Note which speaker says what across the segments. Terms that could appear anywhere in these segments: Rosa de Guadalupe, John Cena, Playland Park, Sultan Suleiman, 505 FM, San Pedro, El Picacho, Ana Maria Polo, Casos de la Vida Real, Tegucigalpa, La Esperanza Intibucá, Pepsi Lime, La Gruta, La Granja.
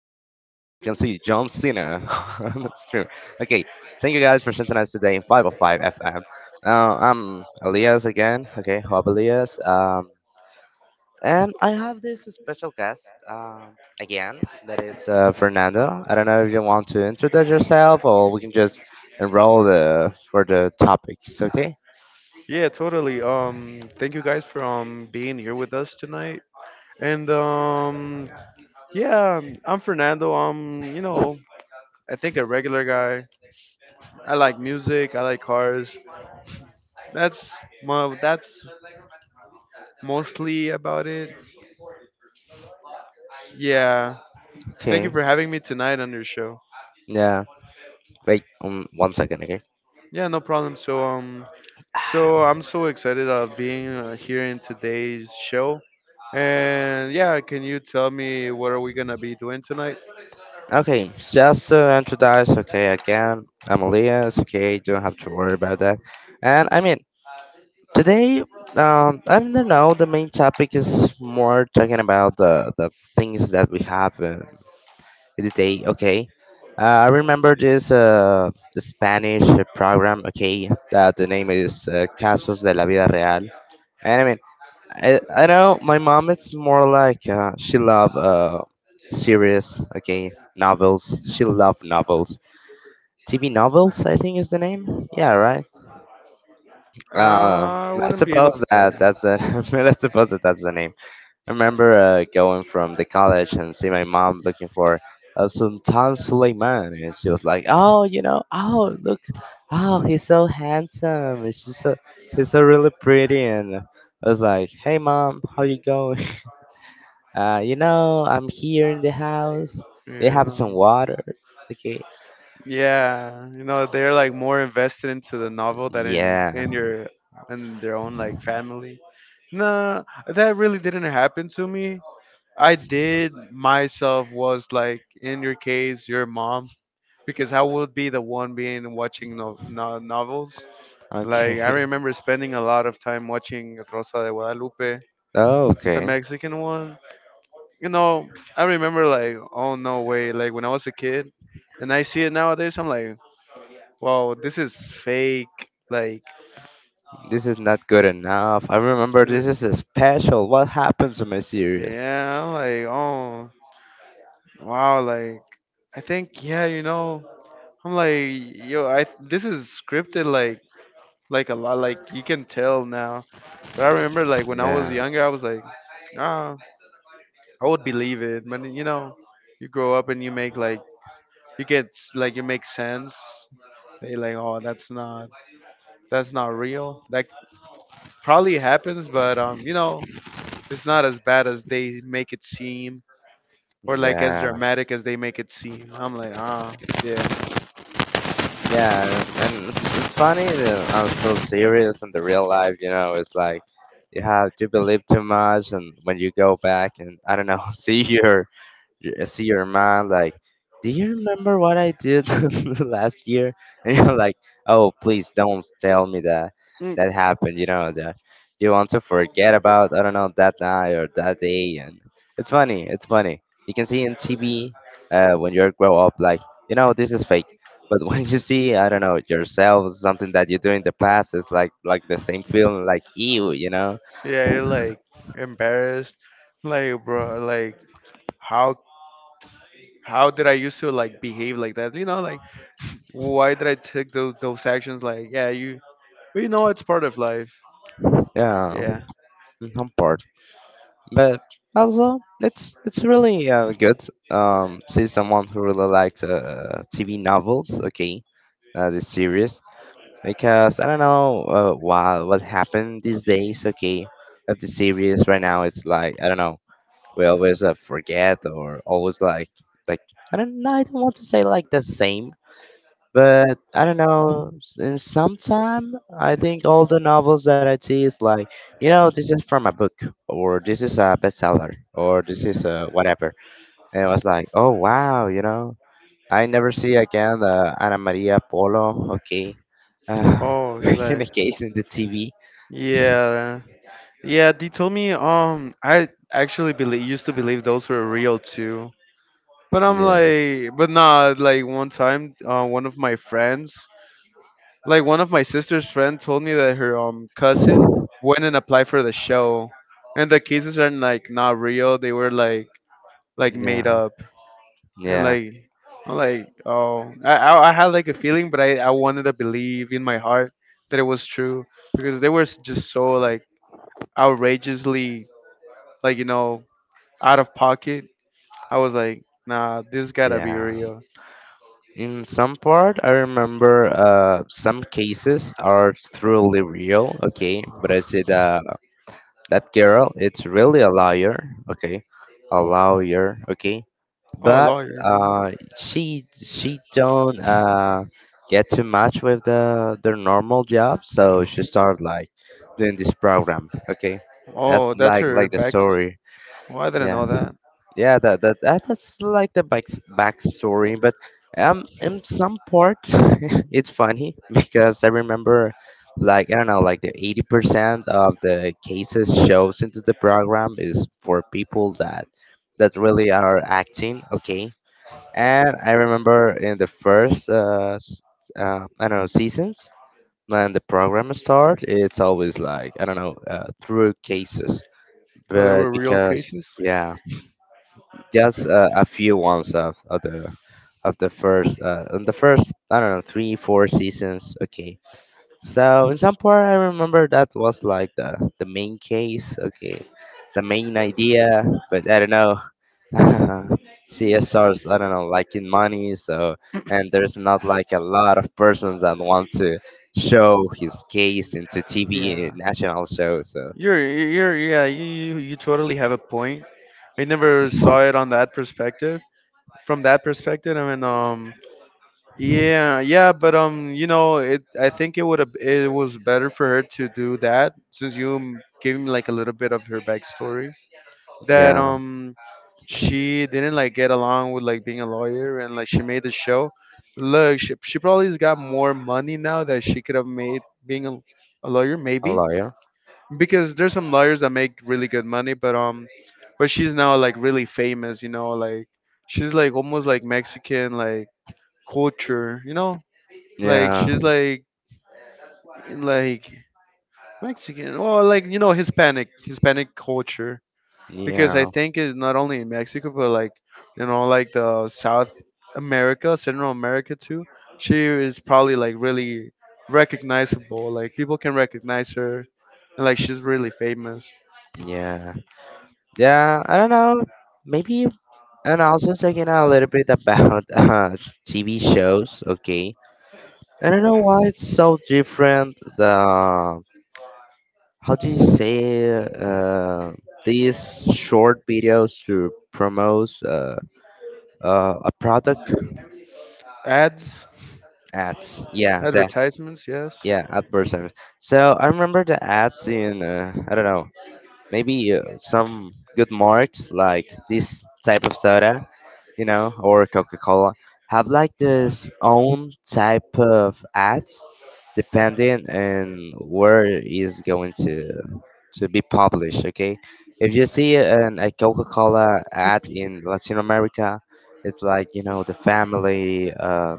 Speaker 1: Cena on the stream. Okay, thank you guys for synthesizing today in 505 FM. I'm Elias again. Okay, Hope Elias. And I have this special guest again that is Fernando. I don't know if you want to introduce yourself, or we can just enroll the for the topics. Okay.
Speaker 2: Yeah, totally. Thank you guys for being here with us tonight. And Yeah, I'm Fernando. I'm I think a regular guy. I like music. I like cars. That's that's mostly about it. Yeah. Thank you
Speaker 1: Okay.
Speaker 2: for having me tonight on your show.
Speaker 1: Yeah. Wait. One second. Okay?
Speaker 2: Yeah, no problem. So I'm so excited of being here in today's show. And yeah, can you tell me what are we gonna be doing tonight?
Speaker 1: Okay, just to introduce, okay, again, I'm Elias, okay, don't have to worry about that. And today, I don't know, the main topic is more talking about the things that we have in the day, okay. I remember the Spanish program, okay, that the name is Casos de la Vida Real. And I know my mom, it's more like she love series, okay, novels. She love novels. TV novels, I think is the name. Yeah, right. Uh,
Speaker 2: I
Speaker 1: let's
Speaker 2: wouldn't be able
Speaker 1: suppose
Speaker 2: to tell you.
Speaker 1: that that's the
Speaker 2: Yeah.
Speaker 1: let's suppose that that's the name. I remember going from the college and see my mom looking for Sultan Suleiman, and she was like, "Oh, you know, oh look, oh he's so handsome. He's just so really pretty." And I was like, "Hey, mom, how you going? I'm here in the house. They
Speaker 2: Yeah,
Speaker 1: have
Speaker 2: no.
Speaker 1: some water. Okay,
Speaker 2: Yeah. You know, they're like more invested into the novel than in
Speaker 1: yeah,
Speaker 2: in your in their own like family. Nah, that really didn't happen to me. I did myself was like in your case, your mom, because I would be the one being watching no, no novels. Like I
Speaker 1: okay."
Speaker 2: remember spending a lot of time watching Rosa de Guadalupe,
Speaker 1: Oh,
Speaker 2: the
Speaker 1: okay.
Speaker 2: Mexican one. You know, I remember like, oh no way, like when I was a kid, and I see it nowadays, I'm like, wow, this is fake. Like,
Speaker 1: This is not good enough. I remember
Speaker 2: eh,
Speaker 1: this is a special. What happened to my series?
Speaker 2: yeah, I'm like, oh wow, like I think yeah, you know, I'm like, yo, I this is scripted, like a lot, like you can tell now. But I remember like when I was
Speaker 1: Yeah.
Speaker 2: younger, I was like, ah, I would believe it. But you know, you grow up and you make like you get like you make sense they like oh that's not that's not real. That probably happens, but you know, it's not as bad as they make it seem, or like as
Speaker 1: Yeah,
Speaker 2: dramatic as they make it seem. I'm like, ah, yeah.
Speaker 1: yeah, and it's funny that I'm so serious in the real life, you know, it's like you have to believe too much, and when you go back and I don't know, see your I see your mom like, do you remember what I did last year? And you're like, oh, please don't tell me that
Speaker 2: Mm.
Speaker 1: that happened. You know, that you want to forget about, I don't know, that night or that day. And it's funny. It's funny. You can see in TV when you grow up, like, you know, this is fake. But when you see, I don't know, yourself, something that you do in the past, it's like the same feeling, like ew, you know?
Speaker 2: Yeah. You're like embarrassed, like bro, like how how did I used to like behave like that? You know, like why did I take those actions? Like, yeah, you, but you know, it's part of life.
Speaker 1: Yeah,
Speaker 2: Yeah.
Speaker 1: mm, I'm bored. But also, it's really good. See someone who really likes TV novels, okay, the series, because I don't know why what happened these days, okay, of the series right now. It's like I don't know. We always forget or always like like I don't know. I don't want to say like the same, but I don't know. In some time, I think all the novels that I see is like, you know, this is from a book, or this is a bestseller, or this is a whatever. And it was like, oh wow, you know, I never see again the Ana Maria Polo. Okay, uh,
Speaker 2: Oh,
Speaker 1: in
Speaker 2: like
Speaker 1: a case in the TV.
Speaker 2: yeah, yeah. They told me I actually believe used to believe those were real too. But I'm
Speaker 1: Yeah,
Speaker 2: like, but nah, like one time, one of my friends, like one of my sister's friend, told me that her cousin went and applied for the show, and the cases are like not real. They were like made
Speaker 1: yeah,
Speaker 2: up, and
Speaker 1: yeah,
Speaker 2: like I'm like, oh, I had like a feeling, but I wanted to believe in my heart that it was true because they were just so like outrageously like you know out of pocket. I was like, nah, this gotta be
Speaker 1: yeah.
Speaker 2: real.
Speaker 1: In some part, I remember some cases are truly real, okay, but I said that that girl, it's really a liar, okay,
Speaker 2: Oh, a
Speaker 1: but
Speaker 2: lawyer. Mm-hmm.
Speaker 1: uh, she don't get too much with the their normal job, so she started like doing this program, okay, that's
Speaker 2: Oh, that's
Speaker 1: like
Speaker 2: her
Speaker 1: the
Speaker 2: back.
Speaker 1: story.
Speaker 2: Oh, I didn't
Speaker 1: Yeah,
Speaker 2: know that.
Speaker 1: that's like the backstory. But in some part it's funny because I remember like I don't know, like the 80% of the cases shows into the program is for people that really are acting, okay. And I remember in the first I don't know seasons, when the program starts, it's always like I don't know, through cases,
Speaker 2: Oh, they
Speaker 1: but
Speaker 2: were real
Speaker 1: because
Speaker 2: cases.
Speaker 1: yeah, just a few ones of the first in the first I don't know 3 4 seasons. Okay, so in some part I remember that was like the main case. Okay, the main idea, but I don't know. CSRs I don't know liking money, so and there's not like a lot of persons that want to show his case into TV
Speaker 2: Yeah,
Speaker 1: and national shows. So
Speaker 2: you're yeah you totally have a point. I never saw it on that perspective. From that perspective, I mean, yeah, yeah, but you know, it. I think it would have it was better for her to do that since you gave me like a little bit of her backstory. That
Speaker 1: yeah.
Speaker 2: she didn't like get along with like being a lawyer and like she made the show. Look, she probably's got more money now that she could have made being a lawyer
Speaker 1: A
Speaker 2: maybe
Speaker 1: lawyer.
Speaker 2: because there's some lawyers that make really good money, but she's now like really famous, you know, like she's like almost like Mexican like culture, you know? Like
Speaker 1: Yeah,
Speaker 2: she's like Mexican or like you know Hispanic culture. Because I
Speaker 1: yeah,
Speaker 2: think it's not only in Mexico, but like you know, like the South America, Central America too. She is probably like really recognizable. Like people can recognize her, and like she's really famous.
Speaker 1: yeah, yeah. I don't know. Maybe, and also talking a little bit about TV shows. Okay, I don't know why it's so different. The how do you say these short videos to promote a product
Speaker 2: Ads,
Speaker 1: ads? Yeah, that
Speaker 2: advertisements, yes.
Speaker 1: yeah, ad person. So I remember the ads in I don't know, maybe some good marks like this type of soda, you know, or Coca Cola have like this own type of ads depending on where is going to be published. Okay, if you see an, a Coca Cola ad in Latin America, it's like you know the family.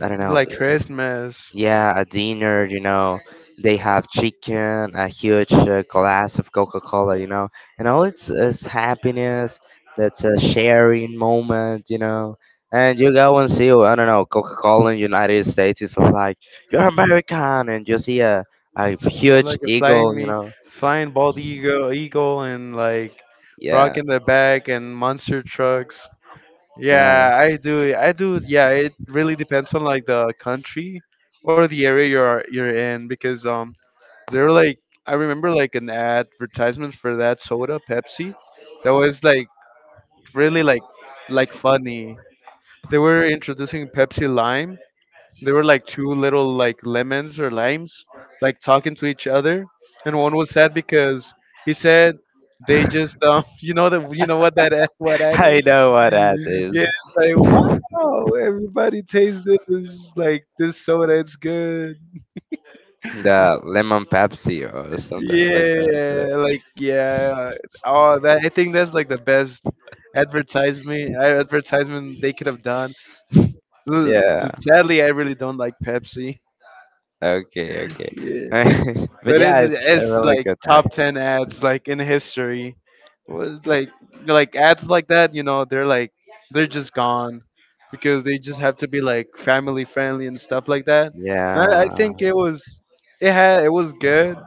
Speaker 1: I don't know,
Speaker 2: Like Christmas,
Speaker 1: yeah, a dinner, you know, they have chicken, a huge glass of Coca-Cola, you know, and all it's is happiness. That's a sharing moment, you know. And you go and see, I don't know, Coca-Cola in United States is like you're American, and you see a huge
Speaker 2: like a flying
Speaker 1: eagle, you
Speaker 2: me,
Speaker 1: know.
Speaker 2: flying bald eagle, and like
Speaker 1: Yeah,
Speaker 2: rocking the back and monster trucks.
Speaker 1: no,
Speaker 2: Yeah, I do. I do. Yeah, it really depends on like the country or the area you're in because there were like I remember like an advertisement for that soda Pepsi that was like really like funny. They were introducing Pepsi Lime. There were like two little like lemons or limes like talking to each other, and one was sad because he said they just you know that you know what that what ad
Speaker 1: I
Speaker 2: is?
Speaker 1: know what that
Speaker 2: Yeah,
Speaker 1: is.
Speaker 2: it's like wow, everybody tastes this. Like this soda, it's good.
Speaker 1: The lemon Pepsi or something like that.
Speaker 2: Yeah, like yeah. Oh, that I think that's like the best advertisement they could have done. L-
Speaker 1: Yeah.
Speaker 2: Sadly, I really don't like Pepsi.
Speaker 1: Okay, okay.
Speaker 2: Yeah.
Speaker 1: But
Speaker 2: But it's
Speaker 1: yeah, it's a really
Speaker 2: like
Speaker 1: good ad.
Speaker 2: top 10 ads like in history. Was like ads like that, you know, they're like they're just gone because they just have to be like family friendly and stuff like that. And I
Speaker 1: Yeah,
Speaker 2: think it was it had it was good,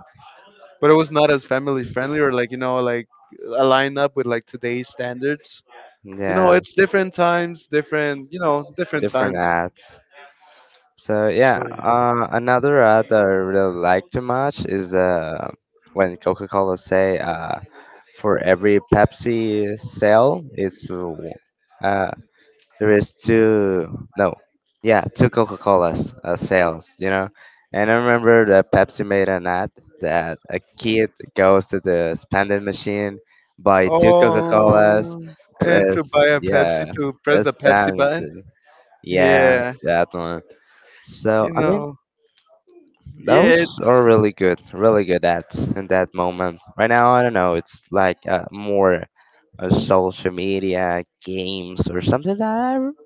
Speaker 2: but it was not as family friendly or like you know like aligned up with like today's standards. You know,
Speaker 1: yeah,
Speaker 2: it's different times, different you know different
Speaker 1: different
Speaker 2: times.
Speaker 1: ads. So yeah,
Speaker 2: So yeah.
Speaker 1: another ad that I really like too much is when Coca-Cola say for every Pepsi sale, it's uh, there is two no yeah two coca-colas sales, you know. And I remember that Pepsi made an ad that a kid goes to the spending machine, buy two coca-colas
Speaker 2: Oh, and to
Speaker 1: plus
Speaker 2: buy a Pepsi
Speaker 1: yeah,
Speaker 2: to press the
Speaker 1: it's
Speaker 2: Pepsi
Speaker 1: time
Speaker 2: button.
Speaker 1: to yeah
Speaker 2: Yeah,
Speaker 1: that one. So
Speaker 2: you
Speaker 1: I mean,
Speaker 2: know, yeah,
Speaker 1: those are
Speaker 2: it's
Speaker 1: really good, really good ads in that moment. Right now, I don't know, it's like more social media games or something that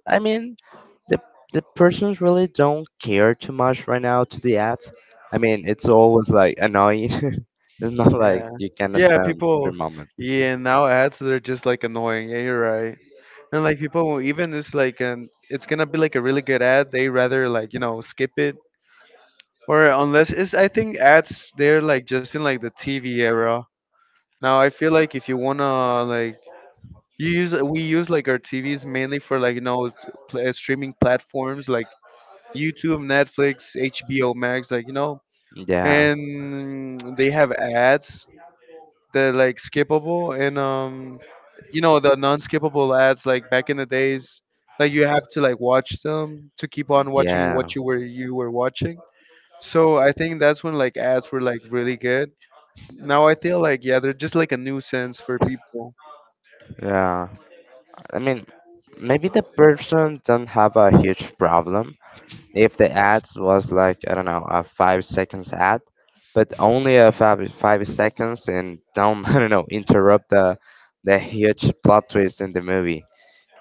Speaker 1: I mean the the persons really don't care too much right now to the ads. I mean, it's always like annoying. It's not like
Speaker 2: yeah,
Speaker 1: you can
Speaker 2: yeah.
Speaker 1: spend
Speaker 2: People,
Speaker 1: three moments.
Speaker 2: yeah. Now ads they're just like annoying. Yeah, you're right. And like people, even it's like an, it's gonna be like a really good ad. They rather like you know skip it or unless it's. I think ads they're like just in like the TV era. Now I feel like if you wanna like you use we use like our TVs mainly for like you know streaming platforms like YouTube, Netflix, HBO Max, like you know
Speaker 1: Yeah,
Speaker 2: and they have ads that are like skippable and you know the non-skippable ads like back in the days like you have to like watch them to keep on watching
Speaker 1: yeah,
Speaker 2: what you were watching so I think that's when like ads were like really good. Now I feel like yeah they're just like a nuisance for people.
Speaker 1: yeah. I mean, maybe the person don't have a huge problem if the ads was like I don't know, a 5 seconds ad, but only a five seconds and don't I don't know, interrupt the huge plot twist in the movie.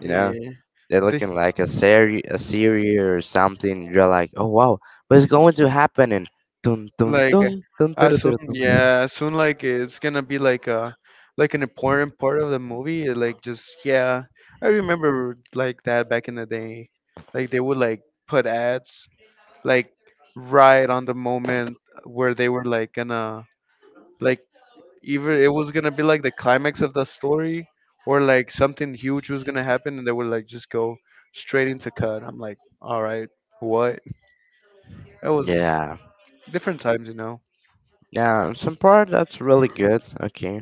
Speaker 1: You know.
Speaker 2: Yeah.
Speaker 1: They're
Speaker 2: They
Speaker 1: looking like a series or something. You're like, oh wow, what's going to happen? And dun dun
Speaker 2: like
Speaker 1: dun dun dun dun. Dun, dun.
Speaker 2: yeah, as soon like it's gonna be like a like an important part of the movie. Uh, like just yeah, I remember like that back in the day. Like they would like put ads like right on the moment where they were like gonna like either it was gonna be like the climax of the story or like something huge was gonna happen and they would like just go straight into cut. I'm like, all right, what? It was
Speaker 1: Yeah,
Speaker 2: different times, you know.
Speaker 1: yeah. Some part that's really good. Okay,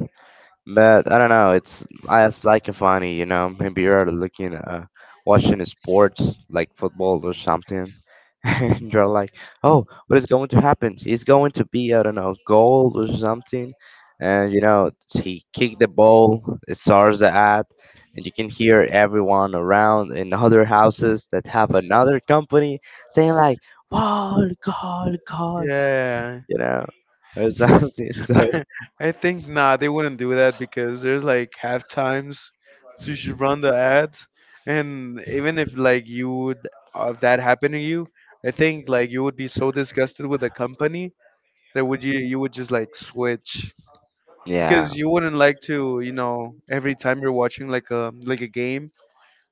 Speaker 1: but I don't know. It's like a funny, you know. Maybe you're looking, watching sports like football or something, and you're like, oh, what is going to happen? He's going to be, I don't know, gold or something. And, you know, he kicked the ball, it starts the ad, and you can hear everyone around in other houses that have another company saying, like, wow, gold, gold,
Speaker 2: Yeah.
Speaker 1: you know, or something. So,
Speaker 2: I, I think nah, they wouldn't do that because there's like half times to run the ads, and even if like you would if that happened to you, I think like you would be so disgusted with the company that would you would just like switch
Speaker 1: yeah,
Speaker 2: because you wouldn't like to you know every time you're watching like a game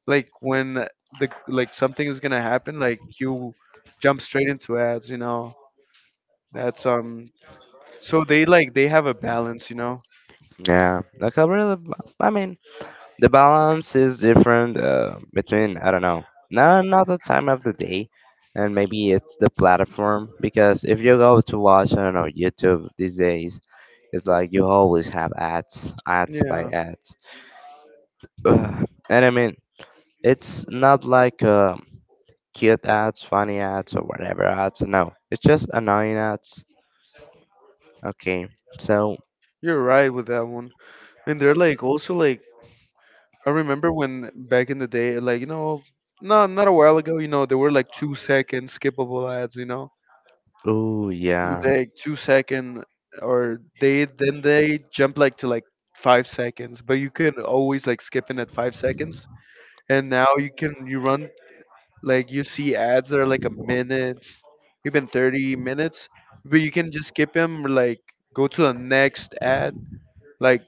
Speaker 2: like when the like something is gonna happen like you jump straight into ads you know that's so they like they have a balance you know.
Speaker 1: yeah. Like, I mean, the balance is different between I don't know, not another time of the day, and maybe it's the platform, because if you go to watch I don't know YouTube these days, it's like you always have ads, ads by
Speaker 2: Yeah.
Speaker 1: ads, ugh. And I mean, it's not like cute ads, funny ads, or whatever ads. No, it's just annoying ads. Okay, so
Speaker 2: You're right with that one. And they're like also like I remember when back in the day, like, you know, not a while ago, you know, there were like 2 second skippable ads, you know?
Speaker 1: oh yeah,
Speaker 2: Like 2 second or they then they jump like to like 5 seconds, but you can always like skip in at 5 seconds. And now you can you run like you see ads that are like a minute, even 30 minutes, but you can just skip them like go to the next ad like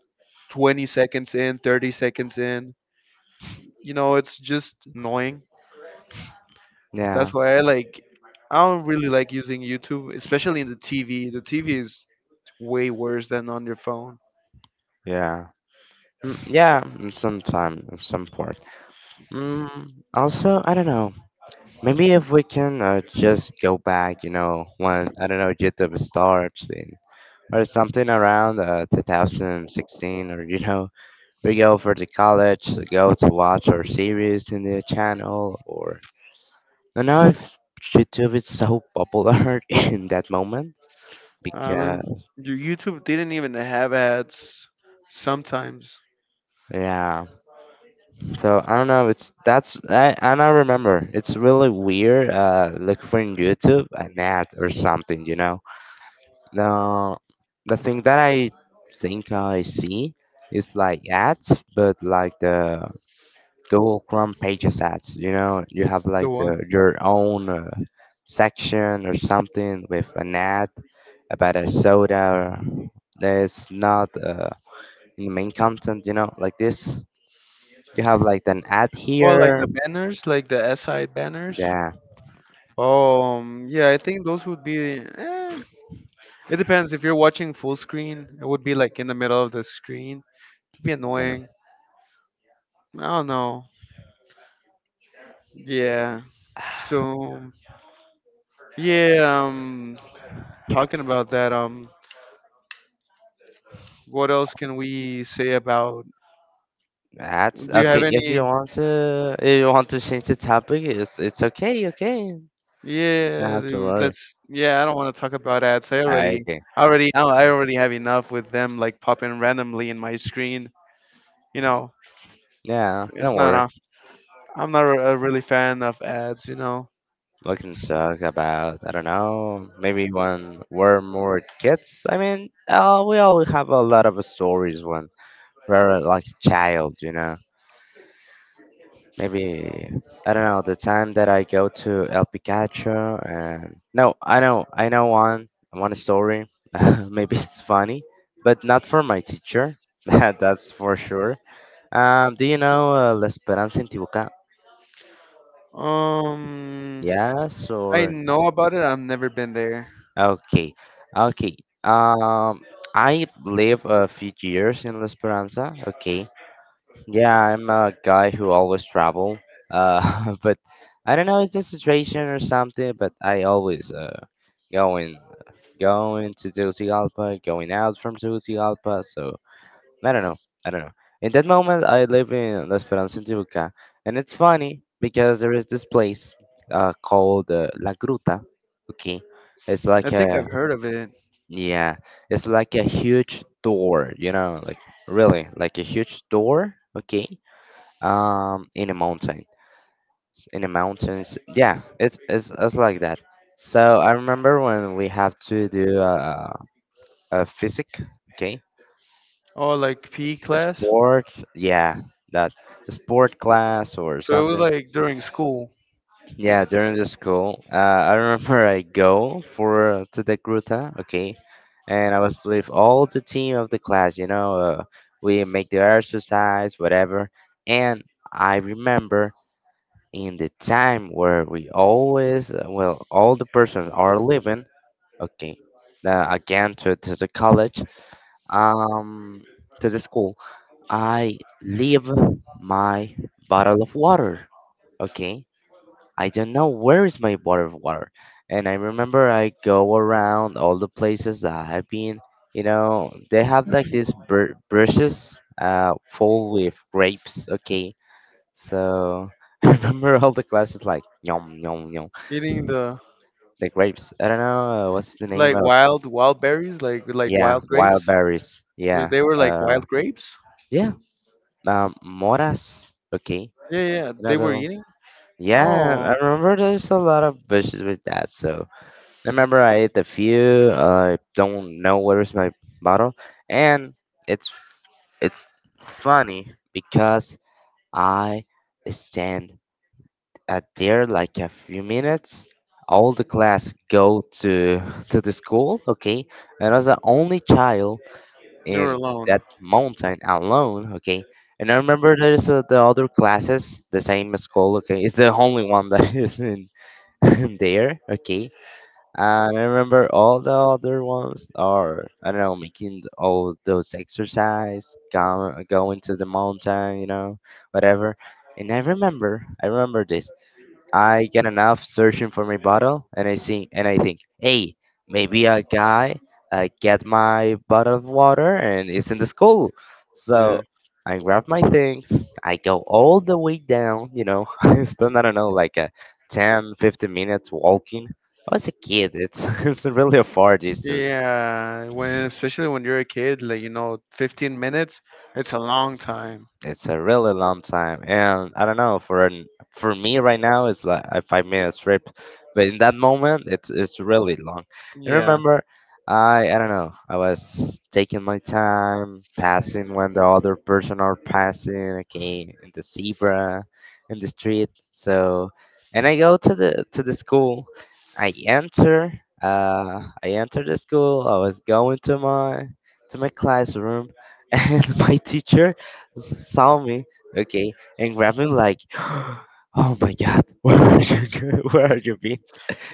Speaker 2: 20 seconds in, 30 seconds in. You know, it's just annoying.
Speaker 1: yeah,
Speaker 2: That's why I like I don't really like using YouTube, especially in the TV. The TV is way worse than on your phone.
Speaker 1: yeah, mm, yeah. Sometimes, some part. Mm, also, I don't know. Maybe if we can just go back, you know, when I don't know YouTube starts in, or something around 2016, or you know, we go for the college, to go to watch our series in the channel, or I don't know if YouTube is so popular in that moment
Speaker 2: Um,
Speaker 1: because
Speaker 2: your YouTube didn't even have ads sometimes.
Speaker 1: yeah. So I don't know. It's that's I don't remember. It's really weird. Look for in YouTube an ad or something, you know. Now, the thing that I think I see is like ads, but like the Google Chrome Pages ads. You know, you have
Speaker 2: The
Speaker 1: like the
Speaker 2: one.
Speaker 1: your own section or something with an ad about a soda that's not in the main content. You know, like this. You have like an ad
Speaker 2: Oh, like
Speaker 1: here.
Speaker 2: the banners, like the SI banners.
Speaker 1: Yeah,
Speaker 2: Yeah, I think those would be. Eh, it depends. If you're watching full screen, it would be like in the middle of the screen. It'd be
Speaker 1: yeah.
Speaker 2: annoying. I don't know. Yeah. So yeah, talking about that, what else can we say about
Speaker 1: Ads.
Speaker 2: do you
Speaker 1: Okay,
Speaker 2: have
Speaker 1: if you
Speaker 2: any
Speaker 1: want to, if you want to change the topic, it's okay, okay. Not
Speaker 2: yeah,
Speaker 1: have to
Speaker 2: dude,
Speaker 1: worry.
Speaker 2: let's yeah, I don't want to talk about ads. I
Speaker 1: Ah,
Speaker 2: already
Speaker 1: okay.
Speaker 2: I already I already have enough with them like popping randomly in my screen. You know,
Speaker 1: Yeah,
Speaker 2: it's
Speaker 1: don't
Speaker 2: not
Speaker 1: worry.
Speaker 2: a, I'm not a really fan of ads, you know.
Speaker 1: We can talk about, I don't know, maybe when we're more kids. I mean, we all have a lot of stories when we're like a child, you know. Maybe, I don't know, the time that I go to El Picacho and... No, I know one story. Maybe it's funny, but not for my teacher. That's for sure. Do you know La Esperanza Intibucá?
Speaker 2: Um
Speaker 1: Yes
Speaker 2: I
Speaker 1: or
Speaker 2: know about it. I've never been there.
Speaker 1: okay, okay. Um, I live a few years in La Esperanza. Okay, yeah, I'm a guy who always travel. But I don't know, it's the situation or something. But I always going going to Tegucigalpa, going out from Tegucigalpa. So I don't know, I don't know. In that moment, I live in La Esperanza, in Tibuca, and it's funny because there is this place called La Gruta. Okay, it's
Speaker 2: I
Speaker 1: like a
Speaker 2: think I've heard of it.
Speaker 1: yeah, it's like a huge door, you know, like really like a huge door, okay? In a mountain. In the mountains. Yeah, it's like that. So I remember when we have to do a physic, okay?
Speaker 2: Oh, like PE
Speaker 1: A
Speaker 2: class.
Speaker 1: sport, yeah, that sport class or
Speaker 2: So it was
Speaker 1: something.
Speaker 2: like during school.
Speaker 1: Yeah, during the school, I remember I go for to the gruta, okay, and I was with all the team of the class. You know, we make the exercise, whatever. And I remember in the time where we always, well, all the persons are leaving, okay, again to the college, um, to the school. I leave my bottle of water, okay, I don't know where is my bottled water. And I remember I go around all the places that I've been. You know, they have like these brushes full with grapes. Okay, so I remember all the classes like yum yum yum.
Speaker 2: Eating the
Speaker 1: The grapes. I don't know what's the name
Speaker 2: like
Speaker 1: of.
Speaker 2: wild wild berries, like
Speaker 1: Yeah,
Speaker 2: wild
Speaker 1: wild
Speaker 2: grapes.
Speaker 1: berries.
Speaker 2: Were-
Speaker 1: Yeah.
Speaker 2: They were like
Speaker 1: Uh,
Speaker 2: wild grapes.
Speaker 1: yeah. Moras. Okay.
Speaker 2: Yeah, yeah,
Speaker 1: You know
Speaker 2: they
Speaker 1: the.
Speaker 2: were eating.
Speaker 1: Yeah,
Speaker 2: Oh,
Speaker 1: I remember there's a lot of bushes with that. So I remember I ate the few. I don't know where is my bottle, and it's it's funny because I stand at there like a few minutes. All the class go to the school, okay, and I was the only child
Speaker 2: you were
Speaker 1: in
Speaker 2: alone.
Speaker 1: that mountain alone, okay. And I remember there's the other classes, the same school, okay. It's the only one that is in there, okay, and I remember all the other ones are, I don't know, making all those exercise, go, going to the mountain, you know, whatever. And I remember this. I get enough searching for my bottle, and I think, hey, maybe a guy get my bottle of water, and it's in the school. So
Speaker 2: Yeah.
Speaker 1: I grab my things. I go all the way down. You know, I spend I don't know like a 10, 15 minutes walking. I was a kid. It's it's really a far distance.
Speaker 2: Yeah, when especially when you're a kid, like you know, 15 minutes, it's a long time.
Speaker 1: It's a really long time, and I don't know for an, for me right now it's like a 5-minute trip, but in that moment it's really long. And
Speaker 2: Yeah.
Speaker 1: remember, I don't know I was taking my time, passing when the other person are passing, okay, in the zebra, in the street. So, and I go to the school. I enter the school. I was going to my classroom, and my teacher saw me, okay, and grabbed me like, "Oh my God, where are you? Where are you been?"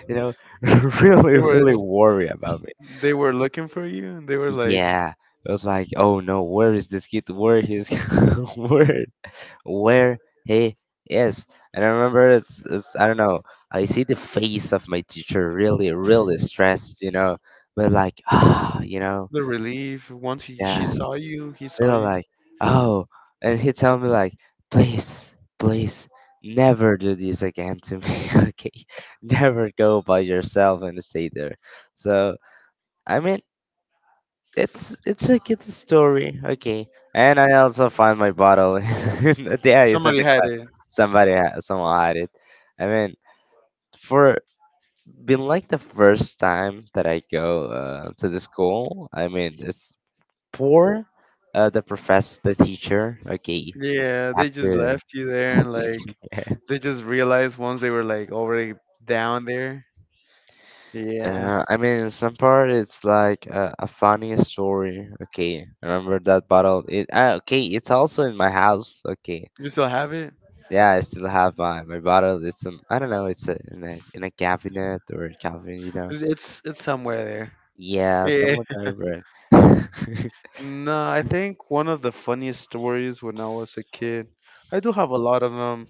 Speaker 1: You know,
Speaker 2: They
Speaker 1: really,
Speaker 2: were
Speaker 1: really worry about me.
Speaker 2: they were looking for you and they were like
Speaker 1: Yeah, I was like, "Oh no, where is this kid? Where he's where where he is?" And I remember, it's I don't know. I see the face of my teacher, really, really stressed, you know, but like, ah, you know,
Speaker 2: the relief once
Speaker 1: yeah.
Speaker 2: she saw you, he saw
Speaker 1: And I
Speaker 2: you.
Speaker 1: like, oh, and he told me like, please, please, never do this again to me. Okay, never go by yourself and stay there. So I mean, it's a good story. Okay, and I also found my bottle. There is in
Speaker 2: Somebody
Speaker 1: the
Speaker 2: had
Speaker 1: club.
Speaker 2: it.
Speaker 1: Somebody, someone had it. I mean, for being like the first time that I go to the school. I mean, it's poor. The professor, the teacher. Okay,
Speaker 2: Yeah,
Speaker 1: have
Speaker 2: they just
Speaker 1: to.
Speaker 2: left you there, and like they just realized once they were like already down there. Yeah.
Speaker 1: I mean, in some part it's like a funny story. Okay, I remember that bottle. It okay. It's also in my house. Okay,
Speaker 2: You still have it?
Speaker 1: yeah, I still have my bottle. It's in I don't know. It's a, in a in a cabinet or a cabinet. You know.
Speaker 2: It's it's somewhere there.
Speaker 1: Yeah,
Speaker 2: Yeah.
Speaker 1: somewhat over.
Speaker 2: No, I think one of the funniest stories when I was a kid. I do have a lot of them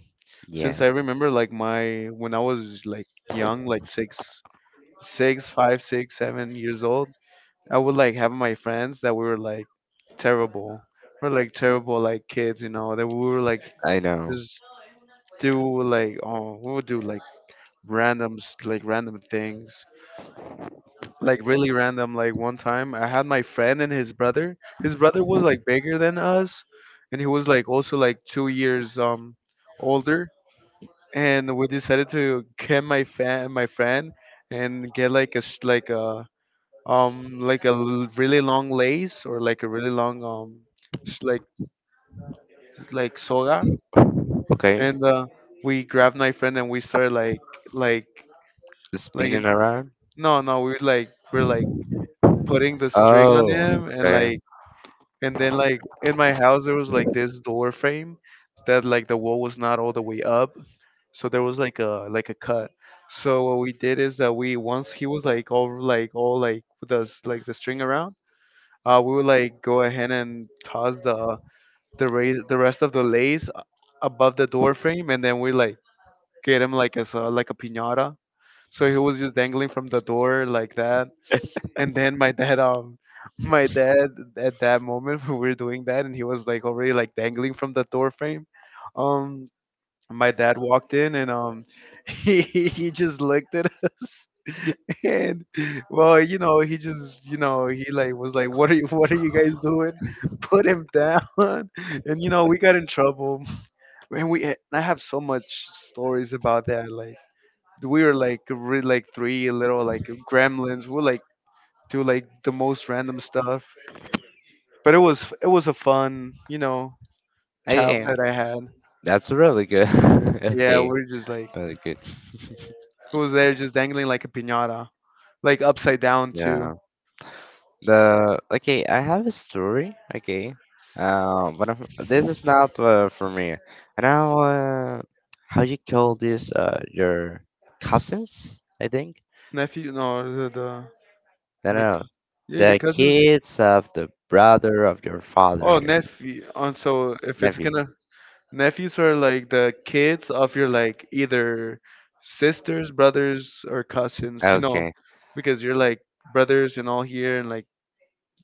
Speaker 1: Yeah,
Speaker 2: since I remember like my when I was like young, like five, six, 7 years old. I would like have my friends that we were like terrible. We're like terrible like kids, you know, that we were like
Speaker 1: I know.
Speaker 2: just do like we would do like randoms like random things, like really random. Like one time, I had my friend and his brother. His brother was like bigger than us, and he was like also like 2 years older. And we decided to get my friend, and get like a really long lace, or like a really long sh- like like soga.
Speaker 1: Okay,
Speaker 2: And we grabbed my friend and we started like like
Speaker 1: spinning
Speaker 2: in-
Speaker 1: around.
Speaker 2: no no we were like we're like putting the string on him
Speaker 1: Oh,
Speaker 2: and
Speaker 1: okay.
Speaker 2: like. And then like in my house there was like this door frame that like the wall was not all the way up, so there was like a cut. So what we did is that, we once he was like all like with us like the string around, we would like go ahead and toss the raise the rest of the lace above the door frame, and then we like get him like as a like a piñata. So he was just dangling from the door like that, and then my dad, my dad, at that moment when we were doing that, and he was like already like dangling from the door frame. Um, my dad walked in and he just looked at us, and well, you know, he was like, what are you guys doing? Put him down, and you know we got in trouble. And we I have so much stories about that, like. We were like really like three little like gremlins. We were like do like the most random stuff. But it was a fun, you know,
Speaker 1: Yeah,
Speaker 2: childhood I had.
Speaker 1: that's really good.
Speaker 2: Yeah,
Speaker 1: Okay,
Speaker 2: we are just like,
Speaker 1: really good.
Speaker 2: it was there just dangling like a piñata, like upside down
Speaker 1: Yeah.
Speaker 2: too.
Speaker 1: The okay, I have a story. Okay, but I'm, this is not for me. I know how you call this. Your cousins, I think.
Speaker 2: Nephew, no,
Speaker 1: No,
Speaker 2: my,
Speaker 1: no,
Speaker 2: cou- yeah, your
Speaker 1: the
Speaker 2: cousins.
Speaker 1: kids of the brother of your father,
Speaker 2: Oh,
Speaker 1: your
Speaker 2: nephew. Oh, so if it's
Speaker 1: nephew.
Speaker 2: gonna, nephews are like the kids of your like either sisters, brothers, or cousins, you know,
Speaker 1: Okay,
Speaker 2: because you're like brothers and all here and like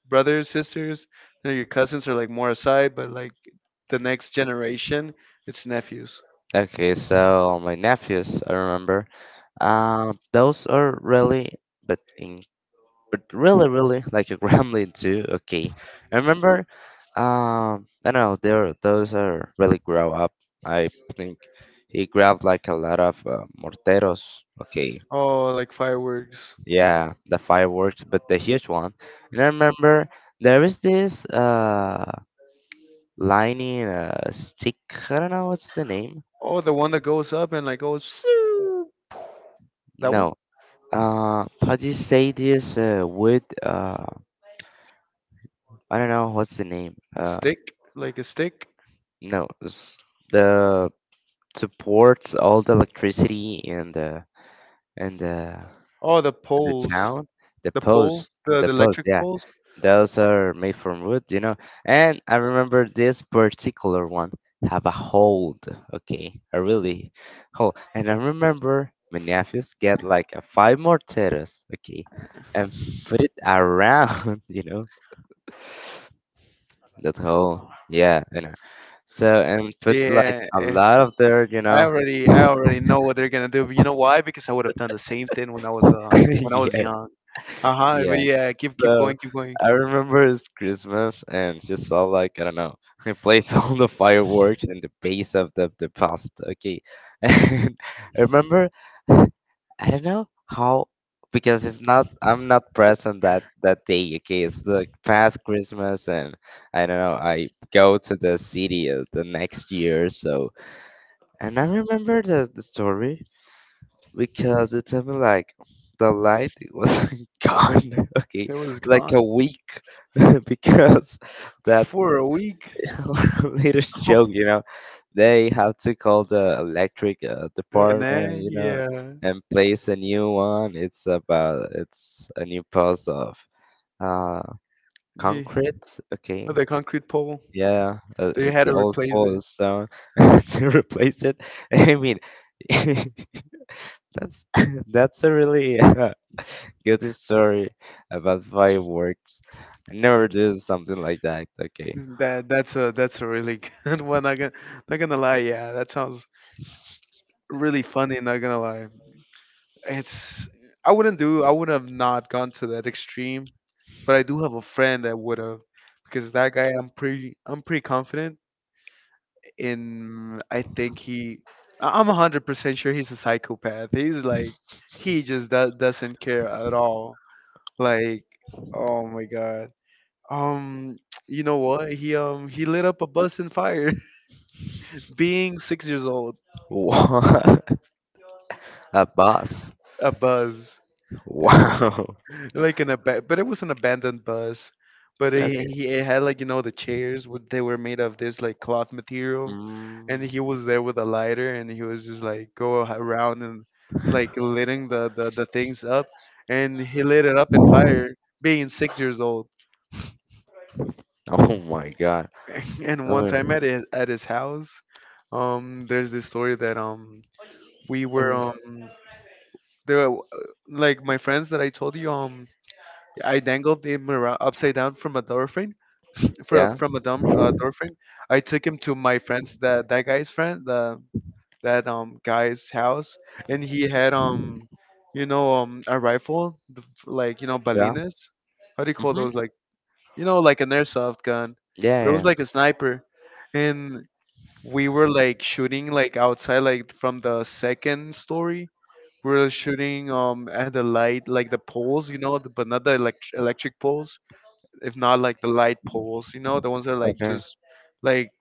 Speaker 2: brothers, sisters, you know, your cousins are like more aside, but like the next generation, it's nephews.
Speaker 1: okay. So my nephews, I remember. Those are really, but in but really, really like a gremlin too. Okay, I remember. I don't know. There, those are really grow up. I think he grabbed like a lot of morteros. Okay,
Speaker 2: Oh, like fireworks.
Speaker 1: yeah, the fireworks, but the huge one. And I remember there is this lining stick. I don't know what's the name.
Speaker 2: Oh, the one that goes up and like goes "Shoo." That one.
Speaker 1: No. How do you say this wood? I don't know what's the name.
Speaker 2: Stick, like a stick.
Speaker 1: No, s- the supports all the electricity in the in the
Speaker 2: Oh, the
Speaker 1: in the
Speaker 2: poles,
Speaker 1: town. The
Speaker 2: the pole,
Speaker 1: post,
Speaker 2: the,
Speaker 1: the
Speaker 2: the
Speaker 1: post,
Speaker 2: electric
Speaker 1: yeah,
Speaker 2: poles.
Speaker 1: those are made from wood, you know. And I remember this particular one have a hold, okay, a really hole. And I remember my nephews get like a five morteros, okay, and put it around, you know, that hole, yeah, you know. So and put like
Speaker 2: Yeah,
Speaker 1: a
Speaker 2: if
Speaker 1: lot of their, you know,
Speaker 2: I already know what they're gonna do. But you know why? Because I would have done the same thing when I was
Speaker 1: yeah,
Speaker 2: young. Uh huh. But
Speaker 1: yeah.
Speaker 2: yeah, keep
Speaker 1: So
Speaker 2: going, keep going.
Speaker 1: I remember it's Christmas and she saw like I don't know, I placed all the fireworks in the base of the pasta. Okay. And I remember I don't know how because it's not I'm not present that that day. Okay, it's the past Christmas and I don't know, I go to the city the next year, so and I remember the story because it took me like the light it was gone. Okay,
Speaker 2: It was
Speaker 1: like
Speaker 2: gone
Speaker 1: a week because that
Speaker 2: for a week.
Speaker 1: little joke, you know, they have to call the electric
Speaker 2: And
Speaker 1: department,
Speaker 2: then
Speaker 1: you know,
Speaker 2: yeah,
Speaker 1: and place a new one. It's about it's a new post of uh
Speaker 2: yeah,
Speaker 1: concrete. Okay.
Speaker 2: with the concrete pole,
Speaker 1: Yeah,
Speaker 2: they had
Speaker 1: it's
Speaker 2: to
Speaker 1: all
Speaker 2: replace
Speaker 1: full
Speaker 2: it.
Speaker 1: of stone to replace it. I mean, that's that's a really good story about fireworks. I never did something like that. Okay.
Speaker 2: That that's a really good one. Not gonna, not gonna lie, yeah, that sounds really funny. Not gonna lie, it's, I wouldn't do. I would have not gone to that extreme, but I do have a friend that would have, because that guy. I'm pretty confident in. I think he. I'm 100% sure he's a psychopath. He's like he just doesn't care at all. Like, oh my god. Um, you know what? He lit up a bus in fire. Being 6 years old,
Speaker 1: What? A bus.
Speaker 2: a bus, you know,
Speaker 1: Wow.
Speaker 2: like an ab but it was an abandoned bus. But it,
Speaker 1: Okay.
Speaker 2: he it had like, you know, the chairs were, they were made of this like cloth material,
Speaker 1: Mm.
Speaker 2: and he was there with a lighter, and he was just like go around and like lighting the things up, and he lit it up in fire. Being 6 years old,
Speaker 1: Oh my god. I
Speaker 2: and one time
Speaker 1: mean,
Speaker 2: at his house, there's this story that we
Speaker 1: I
Speaker 2: were
Speaker 1: mean,
Speaker 2: the like my friends that I told you, I dangled him around, upside down, from a door frame,
Speaker 1: yeah,
Speaker 2: from a door frame. I took him to my friend's that that guy's friend the that guy's house, and he had you know a rifle, like you know
Speaker 1: yeah.
Speaker 2: balinas, how do you call
Speaker 1: Mm-hmm.
Speaker 2: those, like, you know, like an airsoft gun,
Speaker 1: Yeah,
Speaker 2: but it was
Speaker 1: yeah.
Speaker 2: like a sniper. And we were like shooting like outside like from the second story. We were shooting at the light, like the poles, you know, the, but not the electric poles, if not like the light poles, you know, the ones that like
Speaker 1: Okay.
Speaker 2: just like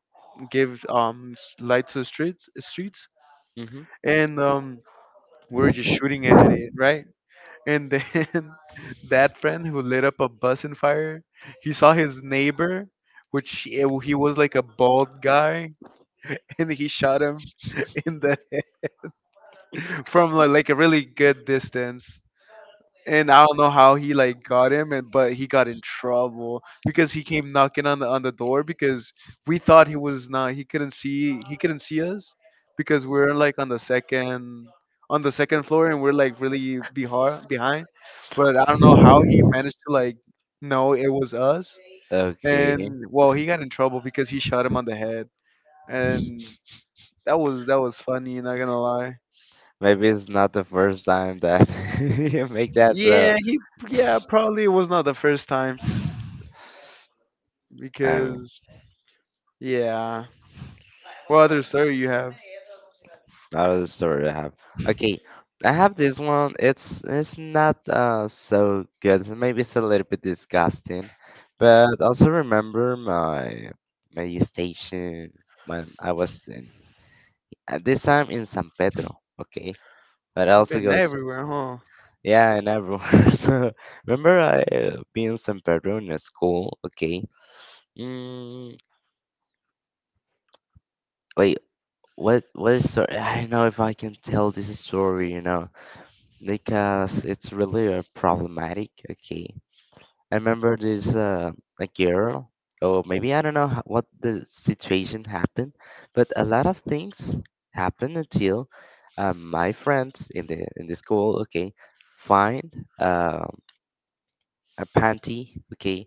Speaker 2: give light to the streets.
Speaker 1: Mm-hmm.
Speaker 2: And we were just shooting at it, right? And then that friend who lit up a bus in fire, he saw his neighbor, which he was like a bald guy, and he shot him in the, from like a really good distance. And I don't know how he like got him, and but he got in trouble because he came knocking on the door, because we thought he was not, he couldn't see, he couldn't see us because we're like on the second floor, and we're like really behar behind. But I don't know how he managed to like know it was us.
Speaker 1: Okay.
Speaker 2: And well, he got in trouble because he shot him on the head, and that was funny. Not gonna lie.
Speaker 1: Maybe it's not the first time that you make that, so
Speaker 2: Yeah, he, yeah, probably was not the first time,
Speaker 1: I mean,
Speaker 2: because yeah. What other story you have?
Speaker 1: another story I have. Okay, I have this one. It's not so good. Maybe it's a little bit disgusting, but also remember my station when I was in at this time in San Pedro. Okay, but
Speaker 2: You've
Speaker 1: also
Speaker 2: been
Speaker 1: goes
Speaker 2: everywhere, huh?
Speaker 1: yeah and everywhere. So remember I being in San Pedro in a school. Okay. Mm, wait, what is story? I don't know if I can tell this story. You know because it's really problematic. Okay, I remember this a girl, or maybe I don't know what the situation happened, but a lot of things happened until my friends in the school, okay, find a panty, okay,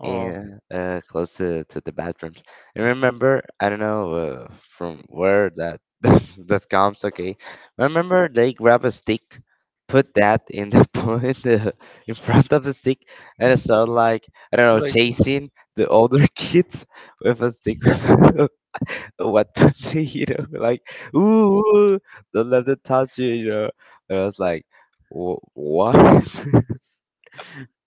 Speaker 2: Oh,
Speaker 1: yeah, close to the bathrooms. And remember, I don't know from where that that comes. Okay, remember they grab a stick, put that in the in the in front of the stick, and start like I don't know
Speaker 2: like
Speaker 1: chasing the older kids with a stick. What you know, like ooh, ooh, don't let them touch you. You know, and I was like, " what?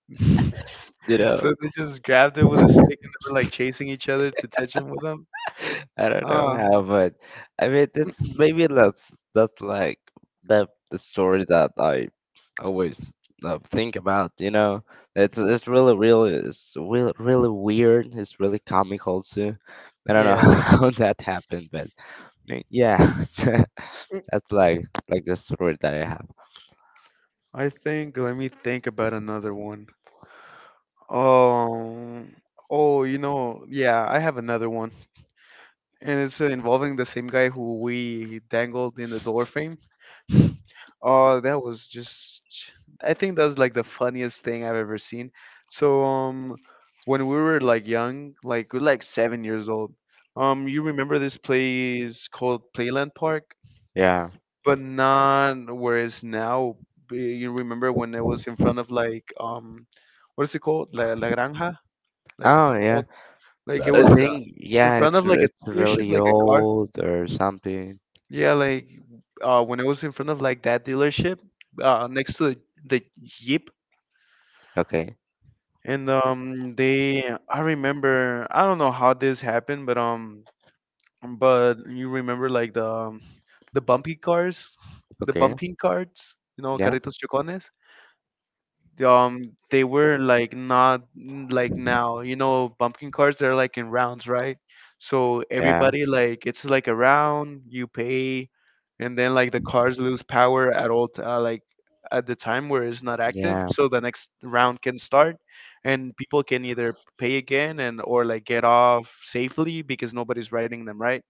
Speaker 1: you know,
Speaker 2: so they just grabbed it with a stick and they were like chasing each other to touch him with them.
Speaker 1: I don't know
Speaker 2: Oh,
Speaker 1: how, but I mean, that's maybe that's like the story that I always think about. You know, it's really really it's really really weird. It's really comical too. I don't know
Speaker 2: yeah.
Speaker 1: how that happened, but I mean, yeah, that's like the story that I have.
Speaker 2: I think let me think about another one. Um, oh, you know, yeah, I have another one, and it's involving the same guy who we dangled in the door frame. Oh, that was just, I think that's like the funniest thing I've ever seen. So when we were like young, like we we're like 7 years old. You remember this place called Playland Park?
Speaker 1: Yeah.
Speaker 2: But not where it's now. You remember when it was in front of like what is it called? La Granja? Like
Speaker 1: Oh yeah.
Speaker 2: all, like it
Speaker 1: I
Speaker 2: was
Speaker 1: think
Speaker 2: in
Speaker 1: yeah,
Speaker 2: front
Speaker 1: it's
Speaker 2: of like a
Speaker 1: it's
Speaker 2: dealership,
Speaker 1: really
Speaker 2: like a car,
Speaker 1: old or something.
Speaker 2: yeah, like when I was in front of like that dealership, next to the Jeep,
Speaker 1: Okay.
Speaker 2: and they, I remember, I don't know how this happened, but you remember like the bumpy cars, the
Speaker 1: Okay.
Speaker 2: bumping cards, you know,
Speaker 1: Yeah.
Speaker 2: carritos chocones. They were like not like now, you know, bumpkin cards, they're like in rounds, right? So
Speaker 1: Yeah.
Speaker 2: everybody like, it's like a round, you pay, and then like the cards lose power at like at the time where it's not active,
Speaker 1: Yeah.
Speaker 2: so the next round can start, and people can either pay again and or like get off safely because nobody's writing them, right?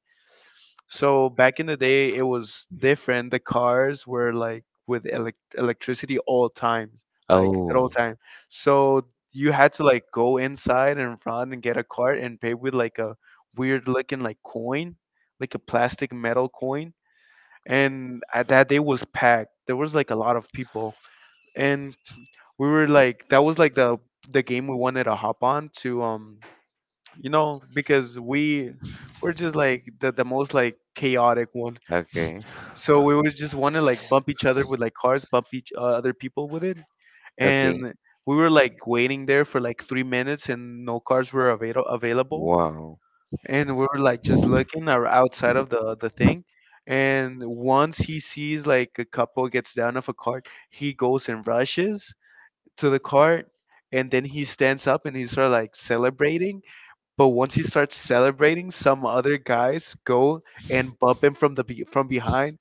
Speaker 2: So back in the day, it was different. The cars were like with electricity all times, like at all
Speaker 1: Oh,
Speaker 2: time. So you had to like go inside and run and get a cart and pay with like a weird looking like coin, like a plastic metal coin. And at that day was packed. There was like a lot of people, and we were like that was like the game we wanted to hop on to. You know, because we're just like the most like chaotic one,
Speaker 1: okay.
Speaker 2: so we would just want to like bump each other with like cars, bump each other people with it,
Speaker 1: Okay.
Speaker 2: and we were like waiting there for like 3 minutes, and no cars were available,
Speaker 1: Wow.
Speaker 2: and we were like just looking or outside of the thing, and once he sees like a couple gets down off a cart, he goes and rushes to the cart, and then he stands up, and he starts like celebrating. But once he starts celebrating, some other guys go and bump him from from behind,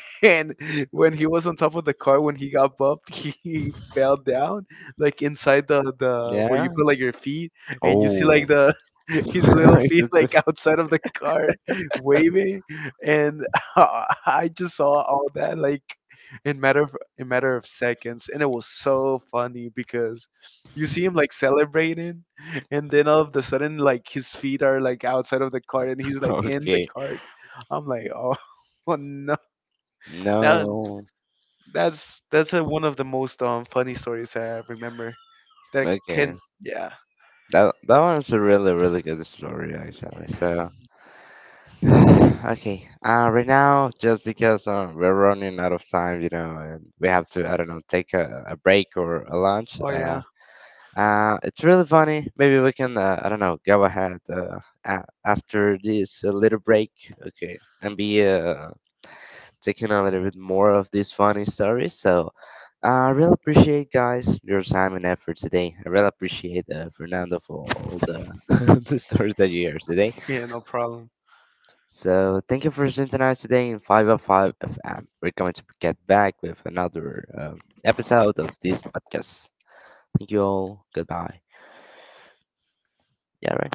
Speaker 2: and when he was on top of the car, when he got bumped, he fell down like inside the where
Speaker 1: Yeah.
Speaker 2: you put like your feet, and you see
Speaker 1: Oh.
Speaker 2: like the his little feet
Speaker 1: It's a-
Speaker 2: like outside of the car, waving, and I just saw all that like in matter of seconds, and it was so funny because you see him like celebrating, and then all of the sudden like his feet are like outside of the cart, and he's like in the
Speaker 1: Okay.
Speaker 2: cart. I'm like, oh, no, that
Speaker 1: No.
Speaker 2: that's one of the most funny stories I remember. That
Speaker 1: Okay.
Speaker 2: can, yeah.
Speaker 1: That that one's a really really good story actually. So okay. Right now just because we're running out of time, you know, and we have to I don't know take a break or a lunch.
Speaker 2: Oh yeah.
Speaker 1: It's really funny. Maybe we can, I don't know, go ahead after this little break, okay, and be taking a little bit more of these funny stories. So I really appreciate, guys, your time and effort today. I really appreciate Fernando for all the, the stories that you hear today.
Speaker 2: Yeah, no problem.
Speaker 1: So thank you for synchronized today in 505 FM. We're going to get back with another episode of this podcast. Thank you all. Goodbye. Yeah, right.